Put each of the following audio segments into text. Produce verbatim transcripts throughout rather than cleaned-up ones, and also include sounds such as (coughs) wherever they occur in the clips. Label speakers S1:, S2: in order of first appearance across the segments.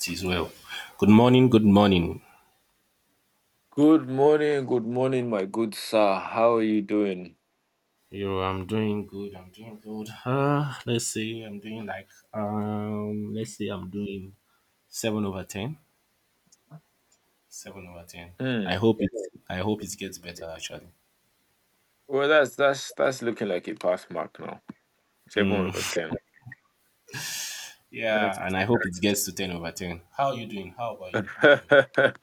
S1: It is well. Good morning. Good morning.
S2: Good morning, good morning, my good sir. How are you doing?
S1: Yo, I'm doing good. I'm doing good. Uh, let's see. I'm doing like um. Let's see. I'm doing seven over ten. Seven over ten.
S2: Hmm.
S1: I hope it. I hope it gets better actually.
S2: Well, that's that's that's looking like a pass mark now. Seven over
S1: Mm.
S2: ten.
S1: Yeah, and
S2: That's-
S1: I hope it gets to ten over ten. How are you doing? How about you? How are you doing?
S2: (laughs)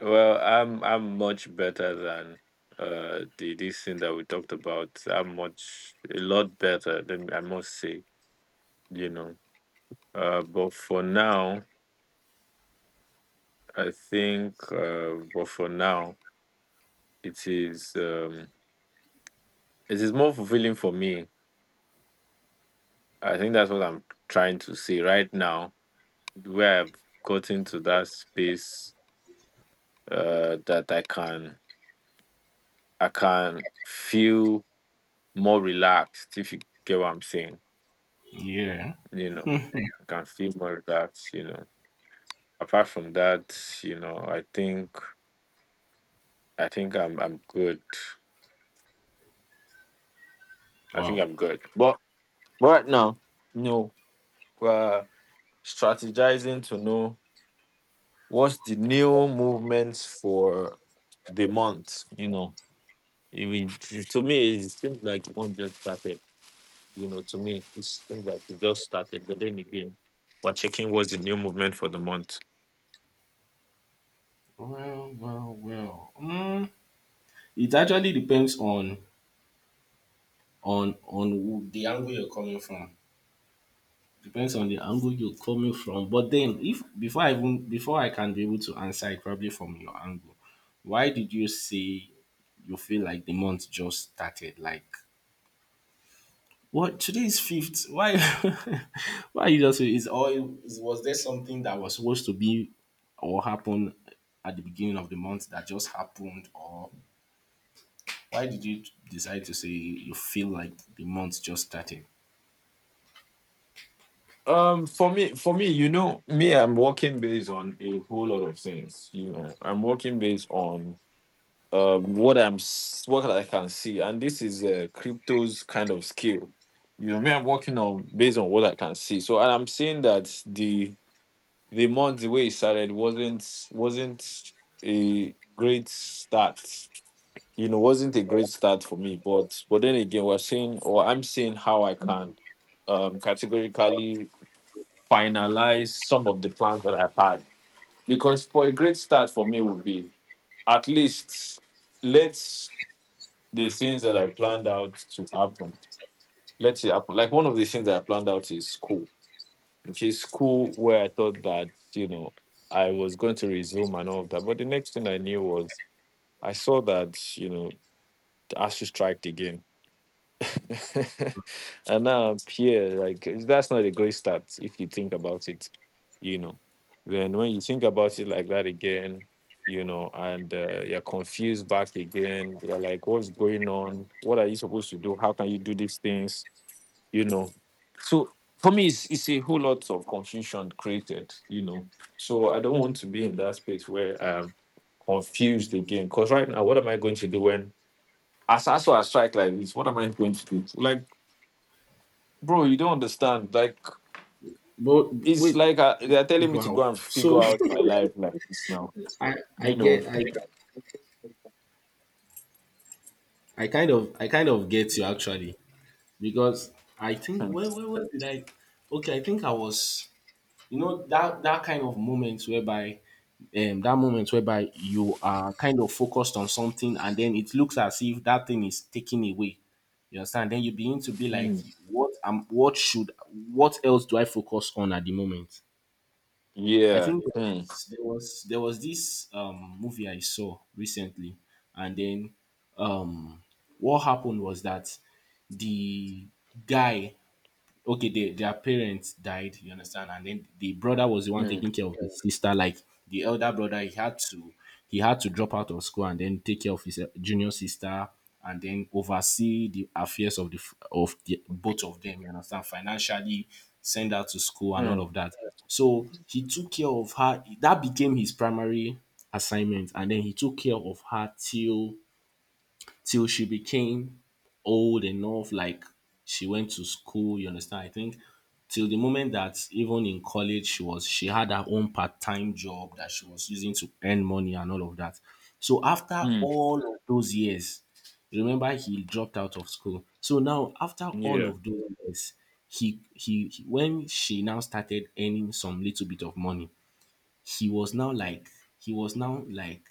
S2: well, I'm I'm much better than uh the this thing that we talked about. I'm much a lot better than I must say, you know. Uh, but for now, I think. Uh, but for now, it is um it is more fulfilling for me. I think that's what I'm trying to say right now, where I've gotten to that space, uh, that I can I can feel more relaxed if you get what I'm saying.
S1: Yeah.
S2: You know, I can feel more relaxed, you know. Apart from that, you know, I think I think I'm I'm good. I think
S1: Wow.
S2: I'm good. But but right now, no. We're strategizing to know what's the new movements for the month, you know. It, will- to me, it seems like the month just started. You know, to me, it's things like it just started, but then again, we're checking what's the new movement for the month.
S1: Well, well, well. Mm, it actually depends on on on who- the angle you're coming from. Depends on the angle you're coming from. But then, if before I even before I can be able to answer it, probably from your angle, why did you say you feel like the month just started? Like, what, today is fifth? Why? (laughs) Why you just is all? Was there something that was supposed to be or happen at the beginning of the month that just happened, or why did you decide to say you feel like the month just started?
S2: Um, for me, for me, you know, me, I'm working based on a whole lot of things. You know, I'm working based on um what I'm s- what I can see, and this is uh, crypto's kind of skill. You know, me, I'm working on based on what I can see. So, and I'm seeing that the the month the way it started wasn't wasn't a great start, you know, wasn't a great start for me. But but then again, we're seeing or I'm seeing how I can um categorically finalize some of the plans that I've had. Because for a great start for me would be at least let the things that I planned out to happen. Let's it happen. Like one of the things that I planned out is school. Which is school where I thought that, you know, I was going to resume and all of that. But the next thing I knew was I saw that, you know, the A S U striked again (laughs) and now I'm here. Like that's not a great start if you think about it, you know. Then when you think about it like that again, you know, and uh, you're confused back again. You're like, what's going on? What are you supposed to do? How can you do these things? You know. So for me, it's, it's a whole lot of confusion created. You know. So I don't want to be in that space where I'm confused again. Because right now, what am I going to do when? As as I strike like this, what am I going to do? Like bro, you don't understand. Like
S1: But
S2: it's
S1: wait,
S2: like uh they're telling me to
S1: wow.
S2: go and figure
S1: So
S2: out my life like this now.
S1: (laughs) I I
S2: You know.
S1: get I I kind of I kind of get you actually because I think
S2: Hmm.
S1: when when, when did I okay, I think I was, you know, that that kind of moment whereby um that moment whereby you are kind of focused on something and then it looks as if that thing is taken away, you understand, then you begin to be like,
S2: Hmm.
S1: what am what should what else do I focus on at the moment. I
S2: Yeah.
S1: think there
S2: Hmm.
S1: was there was, there was this um movie I saw recently, and then um what happened was that the guy, okay, they, their parents died, you understand, and then the brother was the one
S2: Hmm.
S1: taking care of his sister, like the elder brother. He had to he had to drop out of school and then take care of his uh, junior sister and then oversee the affairs of the f- of the, both of them, you understand, financially, send her to school and all
S2: Hmm.
S1: of that. So he took care of her. That became his primary assignment, and then he took care of her till till she became old enough. Like, she went to school, you understand? I think till the moment that even in college she was, she had her own part-time job that she was using to earn money and all of that. So after
S2: Hmm.
S1: all of those years, remember he dropped out of school. So now after all
S2: Yeah.
S1: of those years, he he he- when she now started earning some little bit of money, he was now like he was now like,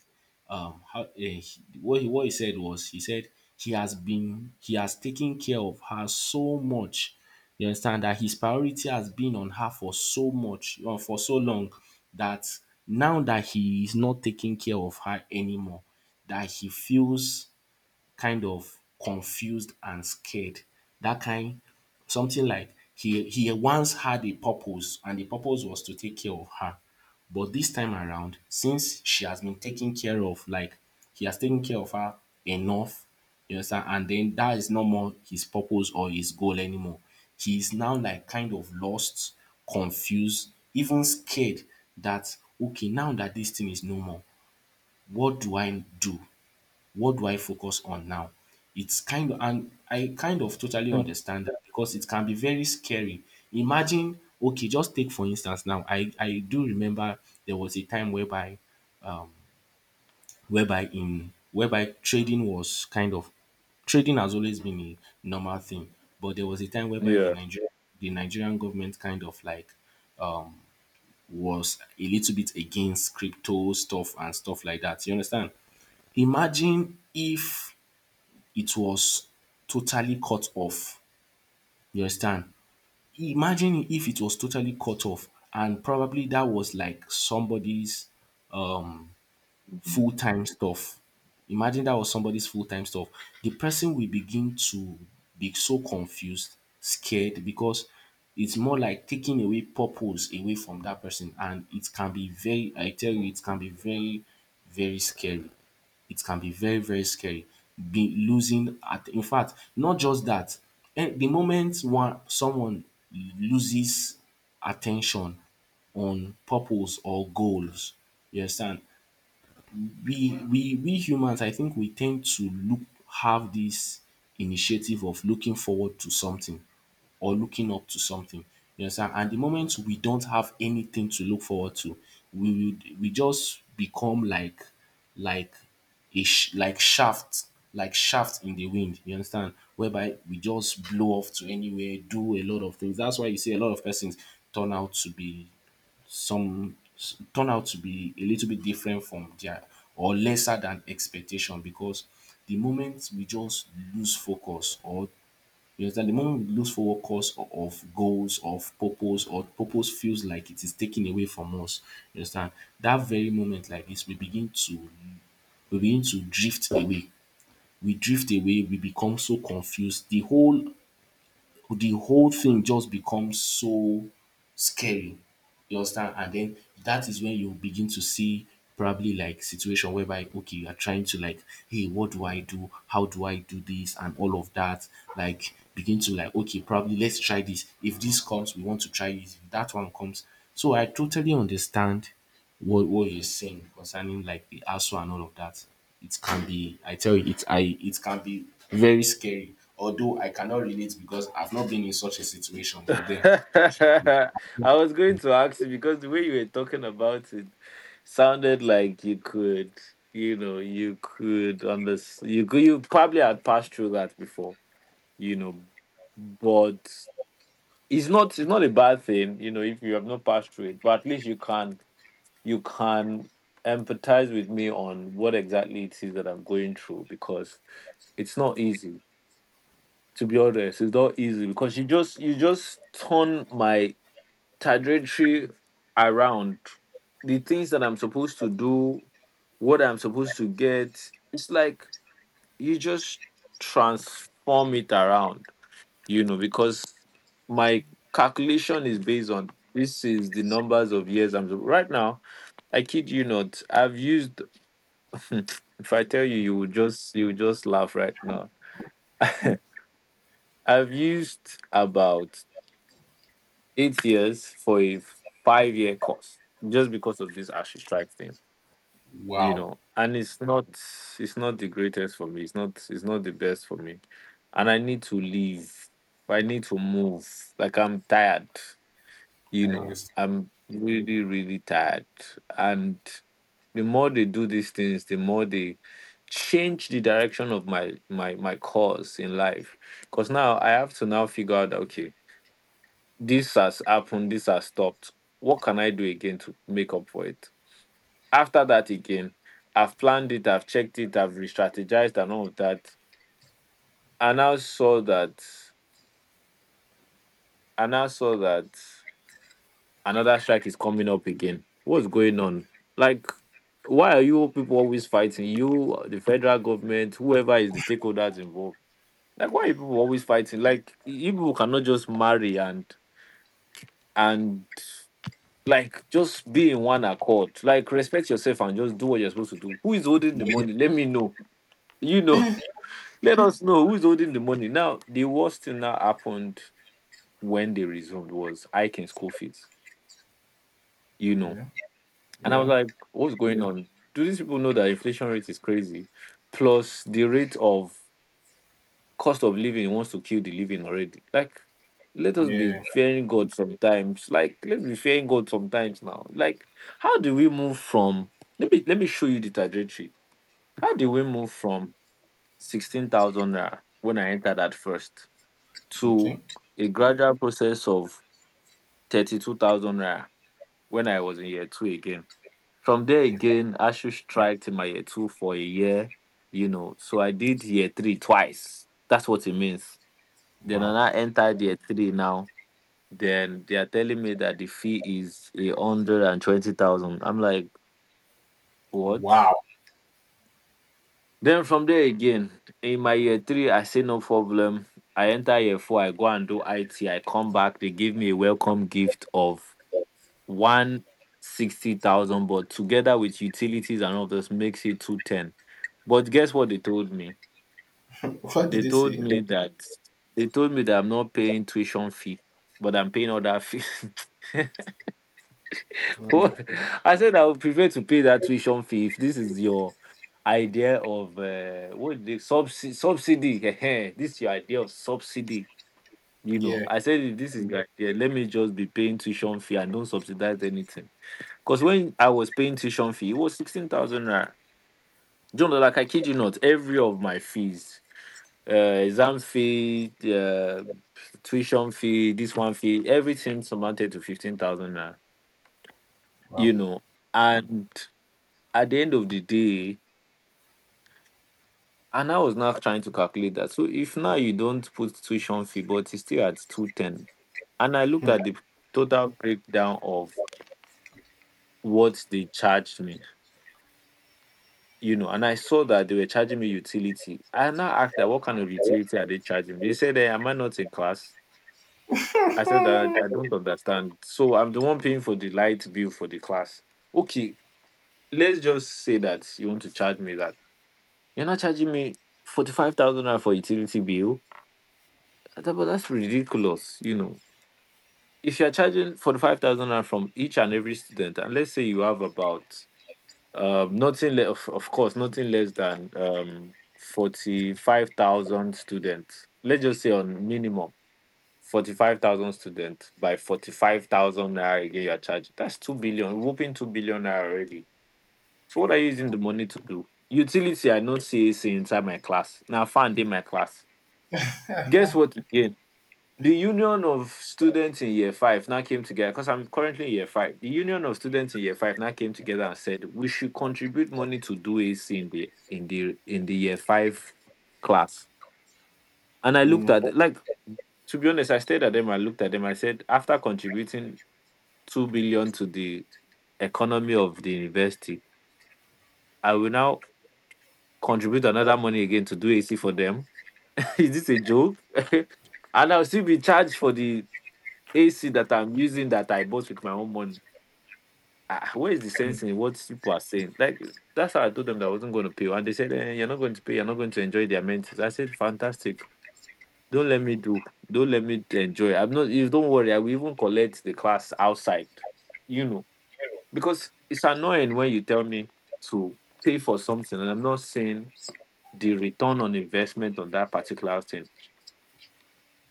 S1: um how eh, he- what he, what he said was, he said he has been, he has taken care of her so much, you understand, that his priority has been on her for so much or for so long, that now that he is not taking care of her anymore, that he feels kind of confused and scared. That kind, something like, he he once had a purpose, and the purpose was to take care of her. But this time around, since she has been taken care of, like, he has taken care of her enough, you understand, and then that is no more his purpose or his goal anymore. He is now like kind of lost, confused, even scared that, okay, now that this thing is no more, what do I do? What do I focus on now? It's kind of, and I kind of totally
S2: Hmm.
S1: understand that because it can be very scary. Imagine, okay, just take for instance now, I, I do remember there was a time whereby, whereby in, whereby trading was kind of, trading has always been a normal thing, but there was a time whereby the
S2: Yeah.
S1: Nigerian, the Nigerian government kind of like was a little bit against crypto stuff and stuff like that. You understand? Imagine if it was totally cut off. You understand? Imagine if it was totally cut off and probably that was like somebody's um
S2: Mhm.
S1: full-time stuff. Imagine that was somebody's full-time stuff. The person will begin to be so confused, scared, because it's more like taking away purpose away from that person, and it can be very, I tell you, it can be very very scary. It can be very very scary. Be losing at, in fact, not just that, um the moment one someone loses attention on purpose or goals, you understand, we we we humans, I think we tend to look have this initiative of looking forward to something or looking up to something. You understand? And the moment we don't have anything to look forward to, we would we just become like like a sh- like shaft, like shaft in the wind, you understand, whereby we just blow off to anywhere, do a lot of things. That's why you see a lot of persons turn out to be some s- turn out to be a little bit different from their or lesser than expectation, because the moment we just lose focus or you understand, the moment we lose focus o- of goals, of purpose, or purpose feels like it is taken away from us, you understand, that very moment like this we begin to we begin to drift away, we drift away, we become so confused. The whole the whole thing just becomes so scary, you understand? And then that is when you begin to see probably like situation whereby, okay, you are trying to like, hey, what do I do? How do I do this? And all of that. Like begin to like, okay, probably let's try this. If this comes, we want to try it. If that one comes. So I totally understand what what you're saying concerning like the A S U and all of that. It can be, I tell you, it I it can be very scary. Although I cannot relate because I've not been in such a situation.
S2: (laughs)
S1: But then,
S2: I was going to ask you because the way you were talking about it sounded like you could, you know, you could understand. You could, you probably had passed through that before, you know, but it's not it's not a bad thing, you know, if you have not passed through it, but at least you can you can empathize with me on what exactly it is that I'm going through because it's not easy. To be honest, it's not easy because you just you just turn my trajectory around. The things that I'm supposed to do, what I'm supposed to get, it's like you just transform it around you know, because my calculation is based on this is the numbers of years I'm right now. I kid you not, I've used (laughs) if I tell you you will just you will just laugh right now. I've used about eight years for a five year course just because of this ashy strike thing. You
S1: wow,
S2: know, and it's not it's not the greatest for me. It's not it's not the best for me. And I need to leave. I need to move. Like I'm tired. You
S1: I
S2: know,
S1: understand.
S2: I'm really, really tired. And the more they do these things, the more they change the direction of my my my course in life. Because now I have to now figure out that, okay, this has happened, this has stopped. What can I do again to make up for it? After that again, I've planned it, I've checked it, I've re-strategized and all of that. And I now saw that I now saw that another strike is coming up again. What's going on? Like, why are you people always fighting? You, the federal government, whoever is the stakeholders involved. Like, why are you people always fighting? Like, you people cannot just marry and and like just be in one accord. Like, respect yourself and just do what you're supposed to do. Who is holding the money? Let me know. You know, (laughs) Let us know who's holding the money. Now, the worst thing that happened when they resumed was hiking school fees. You know.
S1: Yeah,
S2: And I was
S1: yeah,
S2: like, what's going on? Do these people know that inflation rate is crazy? Plus the rate of cost of living wants to kill the living already. Like, let us be
S1: yeah.
S2: fearing God sometimes. Like, let's be fearing God sometimes now. Like, how do we move from let me let me show you the trajectory. How do we move from sixteen thousand naira when I entered at first to
S1: Okay.
S2: a gradual process of thirty two thousand naira when I was in year two again? From there
S1: Mm.
S2: again, I should strike my year two for a year, you know. So I did year three twice. That's what it means. Then when
S1: Wow.
S2: I entered year three now, then they are telling me that the fee is a hundred and twenty thousand. I'm like, what?
S1: Wow.
S2: Then from there again, in my year three, I say no problem. I enter year four, I go and do I T. I come back, they give me a welcome gift of one sixty thousand, but together with utilities and all this makes it two ten. But guess what they told me?
S1: What did
S2: They
S1: they
S2: told
S1: say?
S2: me that they told me that I'm not paying tuition fee, but I'm paying other fee. (laughs) What? I said I would prefer to pay that tuition fee if this is your idea of uh, what the subsidy subsidy. Ehem, this is your idea of subsidy. You know,
S1: Yeah.
S2: I said if this is your idea, let me just be paying tuition fee and don't subsidize anything. Because when I was paying tuition fee, it was sixteen thousand naira. John, like I kid you not, every of my fees, uh, exam fee, uh, tuition fee, this one fee, everything amounted to fifteen thousand naira,
S1: Wow.
S2: you know. And at the end of the day, and I was now trying to calculate that. So if now you don't put tuition fee, but it's still at two ten. And I looked at the total breakdown of what they charged me you know, and I saw that they were charging me utility. I now asked that what kind of utility are they charging me? They said, eh, am I not in class? I said that I don't understand. So I'm the one paying for the light bill for the class. Okay, let's just say that you want to charge me that. You're not charging me forty five thousand naira for utility bill. I thought, but that's ridiculous, you know. If you're charging forty five thousand naira from each and every student, and let's say you have about Um, nothing le- of, of course, nothing less than um, forty five thousand students. Let's just say on minimum forty five thousand students by forty five thousand naira again you're charging. That's two billion, whooping two billion naira already. So, what are you using the money to do? Utility, I know C A C inside my class. Now, I in my class. Guess what again? The union of students in year five now came together because I'm currently in year five. The union of students in year five now came together and said we should contribute money to do A C in the in the in the year five class. And I looked at like to be honest, I stared at them. I looked at them. I said, after contributing two billion to the economy of the university, I will now contribute another money again to do A C for them. (laughs) Is this a joke? (laughs) And I'll still be charged for the A C that I'm using that I bought with my own money. Ah, ah, where is the sense in what people are saying? Like, that's how I told them that I wasn't going to pay. And they said, eh, you're not going to pay. You're not going to enjoy their amenities. I said, Fantastic. Don't let me do. Don't let me enjoy. I'm not, you don't worry. I will even collect the class outside, you know, because it's annoying when you tell me to pay for something and I'm not seeing the return on investment on that particular thing.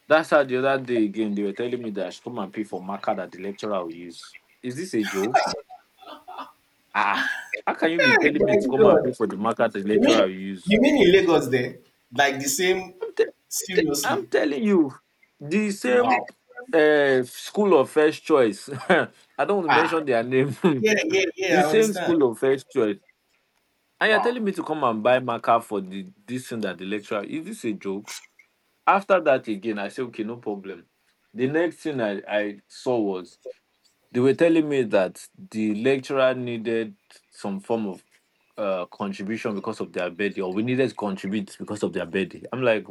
S2: That's how the other day again, they were telling me that I should come and pay for marker that the lecturer will use. Is this a joke? Ah, how can you be
S1: Hey,
S2: telling me
S1: my
S2: to come and
S1: God.
S2: pay for the market the
S1: You mean
S2: lecturer will use?
S1: you mean in Lagos then? Like the same,
S2: I'm, te- I'm
S1: seriously.
S2: telling you, the
S1: Wow.
S2: same uh, school of first choice. (laughs) I don't want to
S1: Ah.
S2: mention their name. (laughs)
S1: Yeah, yeah, yeah,
S2: The
S1: I
S2: same
S1: understand.
S2: school of first choice. And you're
S1: Wow.
S2: telling me to come and buy marker for the this thing that the lecturer. Is this a joke? After that again, I say okay, no problem. The next thing I, I saw was they were telling me that the lecturer needed some form of uh, contribution because of their birthday, or we needed to contribute because of their birthday. I'm like,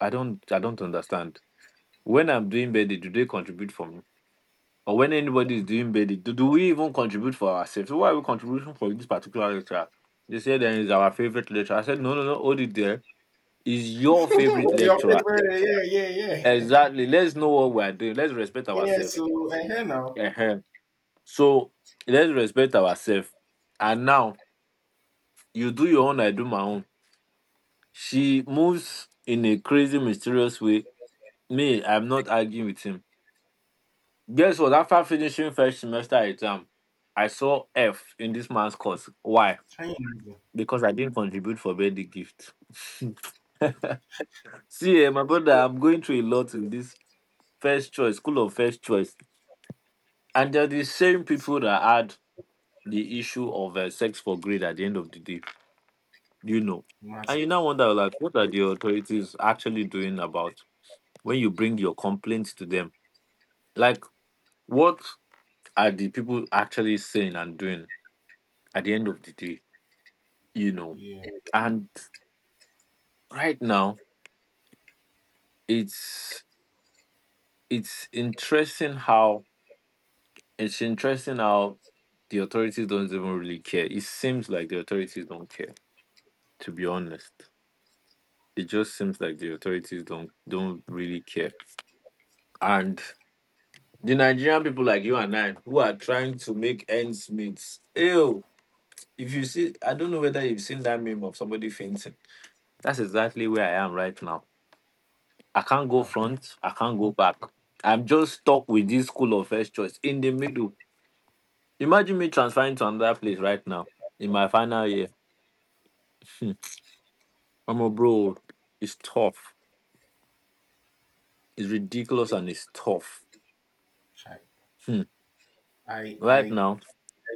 S2: I don't, I don't understand. When I'm doing birthday, do they contribute for me? Or when anybody is doing birthday, do, do we even contribute for ourselves? So why are we contributing for this particular lecturer? They said, then is our favorite lecturer. I said, no, no, no, hold it there. Is your favorite
S1: Your
S2: lecturer.
S1: favorite, yeah, yeah, yeah. (laughs)
S2: Exactly. Let's know what we're doing. Let's respect
S1: Yeah,
S2: ourselves.
S1: so I hear now.
S2: So let's respect ourselves. And now you do your own, I do my own. She moves in a crazy, mysterious way. Me, I'm not arguing with him. Guess what? After finishing first semester exam, I saw F in this man's course. Why?
S1: Can you imagine?
S2: Because I didn't contribute for birthday gift. (laughs) See, eh, my brother, I'm going through a lot in this first choice, school of first choice. And they're the same people that had the issue of uh, sex for grade at the end of the day, you know. And
S1: Imagine.
S2: you now wonder, like, what are the authorities actually doing about when you bring your complaints to them? Like, what are the people actually saying and doing at the end of the day, you know?
S1: Yeah.
S2: And right now, it's it's interesting how it's interesting how the authorities don't even really care. It seems like the authorities don't care, to be honest. It just seems like the authorities don't don't really care. And the Nigerian people like you and I who are trying to make ends meet. Ew. If you see, I don't know whether you've seen that meme of somebody fainting. That's exactly where I am right now. I can't go
S1: Hi.
S2: front. I can't go back. I'm just stuck with this school of first choice in the middle. Imagine me transferring to another place right now in my final year. Hmm. I'm a bro. It's tough. It's ridiculous and it's tough.
S1: Hi.
S2: Hmm.
S1: I I
S2: Right
S1: I
S2: now.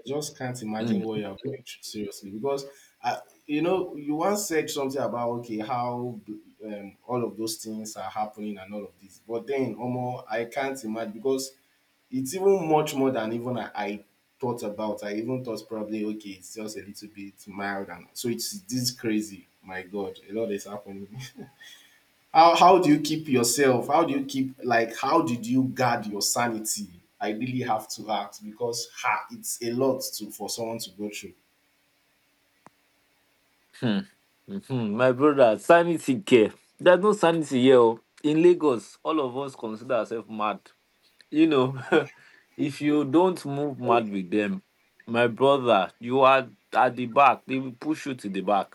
S1: just can't imagine what
S2: hmm,
S1: you're going through, seriously, because I, you know, you once said something about, okay, how, um, all of those things are happening and all of this, but then omo I can't imagine because it's even much more than even I, I thought about. I even thought probably, okay, it's just a little bit mild, and so it's this crazy. My god, a lot is happening. (laughs) How how do you keep yourself? How do you keep, like, how did you guard your sanity? I really have to ask because, ha, it's a lot to for someone to go through.
S2: Hmm. Mhm. My brother, sanity care. There's no sanity here. Oh. In Lagos, all of us consider ourselves mad. You know, (laughs) if you don't move mad with them, my brother, you are at the back. They will push you to the back.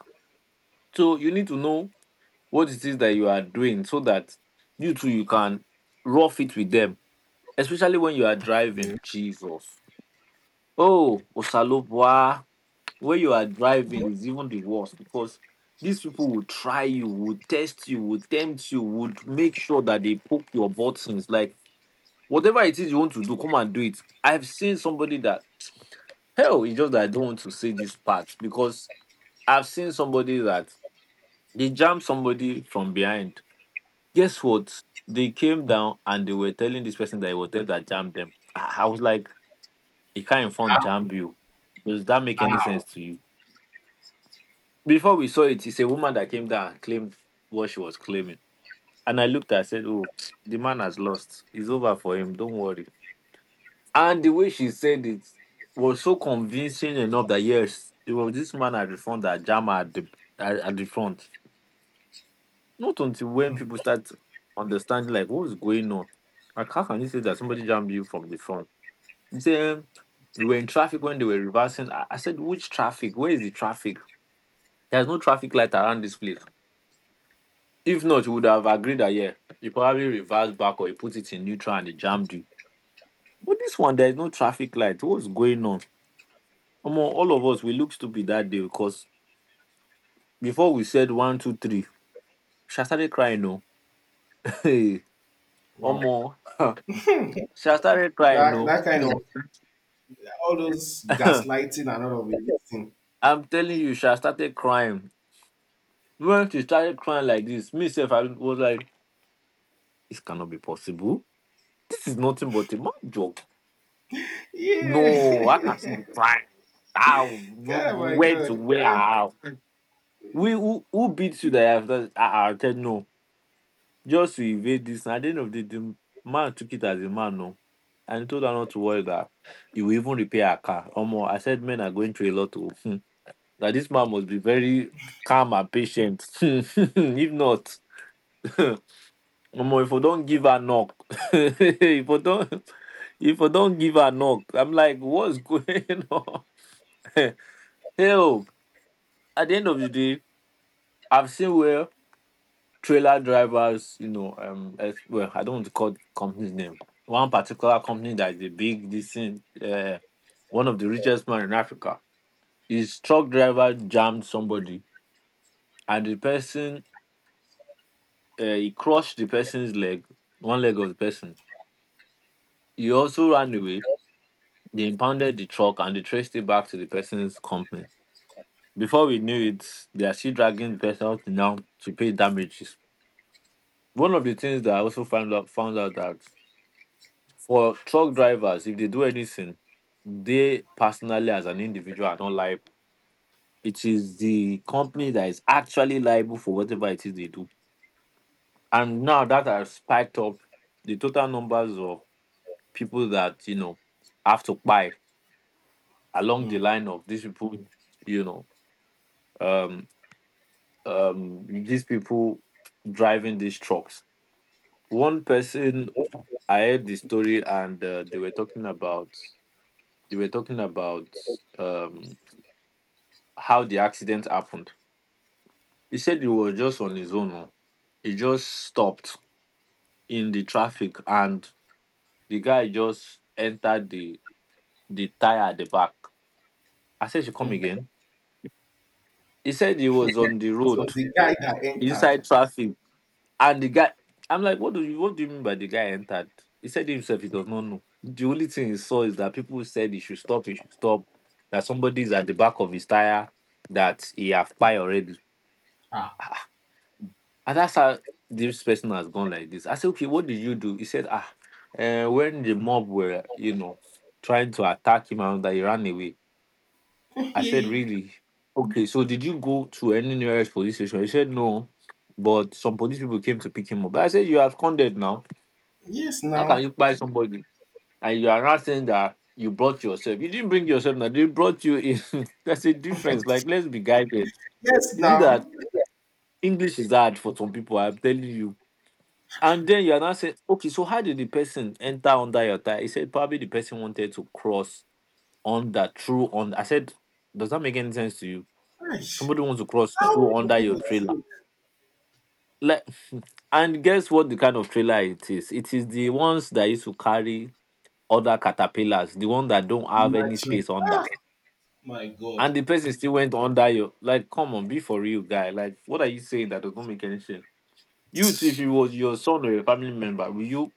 S2: So you need to know what it is that you are doing so that you too you can rough it with them. Especially when you are
S1: Yeah.
S2: driving. Jesus. Oh, Osalopwa when you are driving is even the worst because these people will try you, will test you, will tempt you, would make sure that they poke your buttons. Like whatever it is you want to do, come and do it. I've seen somebody that hell, it's just that I don't want to say this part because I've seen somebody that they jammed somebody from behind. Guess what? They came down and they were telling this person that it was them that jammed them. I I was like, he can't inform jam you. Does that make any sense to you? Before we saw it, it's a woman that came down and claimed what she was claiming. And I looked at her and said, oh, (tsk) the man has lost. It's over for him. Don't worry. And the way she said it was so convincing enough that yes, it was this man at the front that Jama at the at, at the front. Not until when people start understanding like what is going on. Like how can you say that somebody jammed you from the front? You say "Um, we were in traffic when they were reversing. I, I said, which traffic? Where is the traffic? There's no traffic light around this place. If not, you would have agreed that yeah, you probably reversed back or you put it in neutral and it jammed you. But this one, there is no traffic light. What's going on? Come all of us we look stupid that day because before we said one, two, three, she started crying. No, (laughs) hey,
S1: Wow.
S2: Omo, (laughs) she started crying.
S1: That
S2: No,
S1: that kind of,
S2: hmm.
S1: all those
S2: (laughs)
S1: gaslighting and all of it, this thing.
S2: (coughs) I'm telling you, she started crying. When she started crying like this, myself, I was like, this cannot be possible. This is nothing but a mad joke. No, I can see
S1: Yeah.
S2: the
S1: (laughs)
S2: crime. How
S1: Oh my
S2: where to
S1: God.
S2: where
S1: Ah.
S2: how. We who, who beats you that I have that I, I said no. Just to evade this. And at the end of the day, the man took it as a man, no. And he told her not to worry that he will even repair her car. Or more. I said men are going through a lot of hmm, that this man must be very calm and patient. (laughs) If not, (laughs) Omo, if I don't give her knock, (laughs) if I don't (laughs) if I don't give her knock, I'm like, what's going (laughs) on? (laughs) Help! At the end of the day, I've seen where trailer drivers, you know, um, as well, I don't want to call the company's name. One particular company that is a big, decent, uh, one of the richest man in Africa. His truck driver jammed somebody, and the person, uh, he crushed the person's leg, one leg of the person. He also ran away. They impounded the truck and they traced it back to the person's company. Before we knew it, they are still dragging the person out now to pay damages. One of the things that I also found out found out that for truck drivers, if they do anything, they personally as an individual are not liable. It is the company that is actually liable for whatever it is they do. And now that has spiked up the total numbers of people that, you know, have to buy along
S1: Mm.
S2: the line of these people, you know, um um these people driving these trucks. One person I heard the story and uh, they were talking about. You were talking about um how the accident happened. He said he was just on his own. Oh. He just stopped in the traffic and the guy just entered the the tire at the back. I said she come again. He said he was on the road
S1: So the guy that
S2: inside
S1: entered.
S2: traffic and the guy I'm like, what do you what do you mean by the guy entered? He said himself he does not know. The only thing he saw is that people said he should stop, he should stop, that somebody is at the back of his tire that he have pie already.
S1: Ah.
S2: And that's how this person has gone like this. I said, okay, what did you do? He said, ah, uh, when the mob were, you know, trying to attack him and that he ran away.
S1: (laughs)
S2: I said,
S1: Yes,
S2: really? Okay, so did you go to any nearest police station? He said, no, but some police people came to pick him up. I said, you have condemned now. How can
S1: now.
S2: you buy somebody? And you are not saying that you brought yourself. You didn't bring yourself now. They brought you in. (laughs) That's a difference. Like, let's be guided.
S1: Yes,
S2: Is it
S1: now.
S2: that English is hard for some people? I'm telling you. And then you are not saying, okay, so how did the person enter under your tire? He said probably the person wanted to cross under through on. I said, does that make any sense to you?
S1: Gosh.
S2: Somebody wants to cross
S1: How
S2: through
S1: do
S2: under your
S1: people
S2: trailer.
S1: think?
S2: Like, (laughs) and guess what? The kind of trailer it is. It is the ones that used to carry other caterpillars, the one that don't have any
S1: Imagine.
S2: space under.
S1: Ah, my God.
S2: And the person still went under your. Like, come on, be for real, guy. Like, what are you saying that does not make any sense? You, too, if it was your son or your family member, will you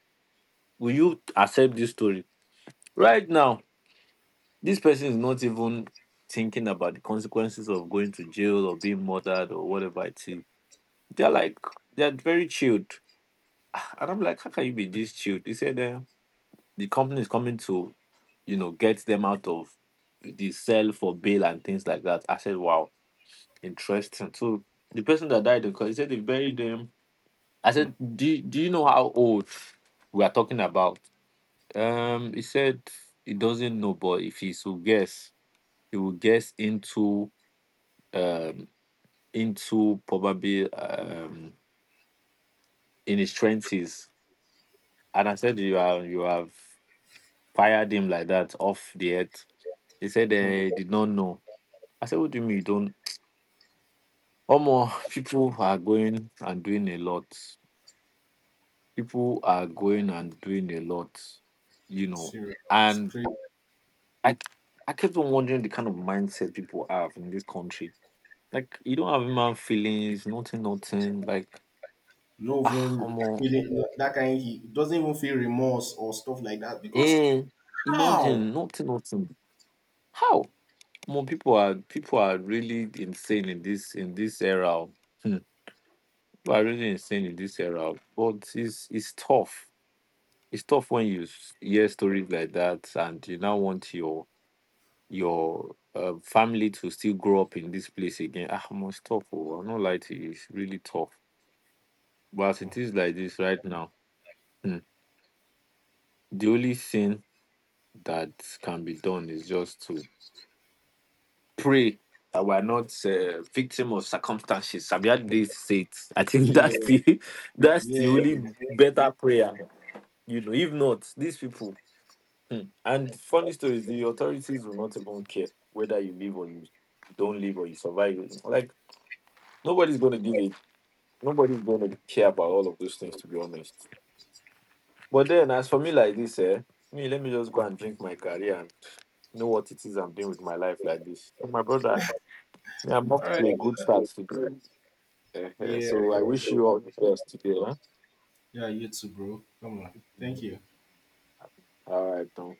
S2: will you accept this story? Right now, this person is not even thinking about the consequences of going to jail or being murdered or whatever it is. They're like, they're very chilled. And I'm like, how can you be this chilled? He said, uh, the company is coming to, you know, get them out of the cell for bail and things like that. I said, wow, interesting. So the person that died, because he said they buried them. I said, do, do you know how old we are talking about? Um, He said, he doesn't know, but if he should guess, he will get into um into probably um in his twenties. And I said you are you have fired him like that off the earth. He said they did not know. I said, what do you mean you don't (tsk) Omo, (laughs) people are going and doing a lot. People are going and doing a lot, you know.
S1: Serious. It's
S2: And
S1: crazy.
S2: I I kept on wondering the kind of mindset people have in this country. Like you don't have human feelings, nothing, nothing. Like
S1: Not
S2: ah,
S1: even
S2: Omo,
S1: feeling, that kind, he doesn't even feel remorse or stuff like that. Because
S2: eh,
S1: how?
S2: imagine nothing, nothing. How? More people are people are really insane in this in this era. Oh. Hmm. People are really insane in this era, oh. But it's it's tough. It's tough when you s- hear stories like that, and you now want your your uh, family to still grow up in this place again. Ah, must tough. Oh, I'm not lie to you. It's really tough. But as it is like this right now, hmm, the only thing that can be done is just to pray that we are not uh, victim of circumstances. Have you they say it? I think
S1: Yeah,
S2: that's the (laughs) that's the
S1: yeah.
S2: only better prayer. You know, if not, these people. Hmm. And funny story is the authorities will not even care whether you live or you don't live or you survive. Like nobody's going to give it. Nobody's going to care about all of those things, to be honest. But then, as for me, like this, eh, me let me just go and drink my career and know what it is I'm doing with my life like this. So my brother, yeah, I'm up
S1: All
S2: to a good
S1: right.
S2: start today. (laughs) Uh,
S1: Yeah,
S2: so I
S1: yeah,
S2: wish you
S1: yeah.
S2: all the best today. Huh?
S1: Yeah, you too, bro. Come on. Thank you.
S2: All right, Tom.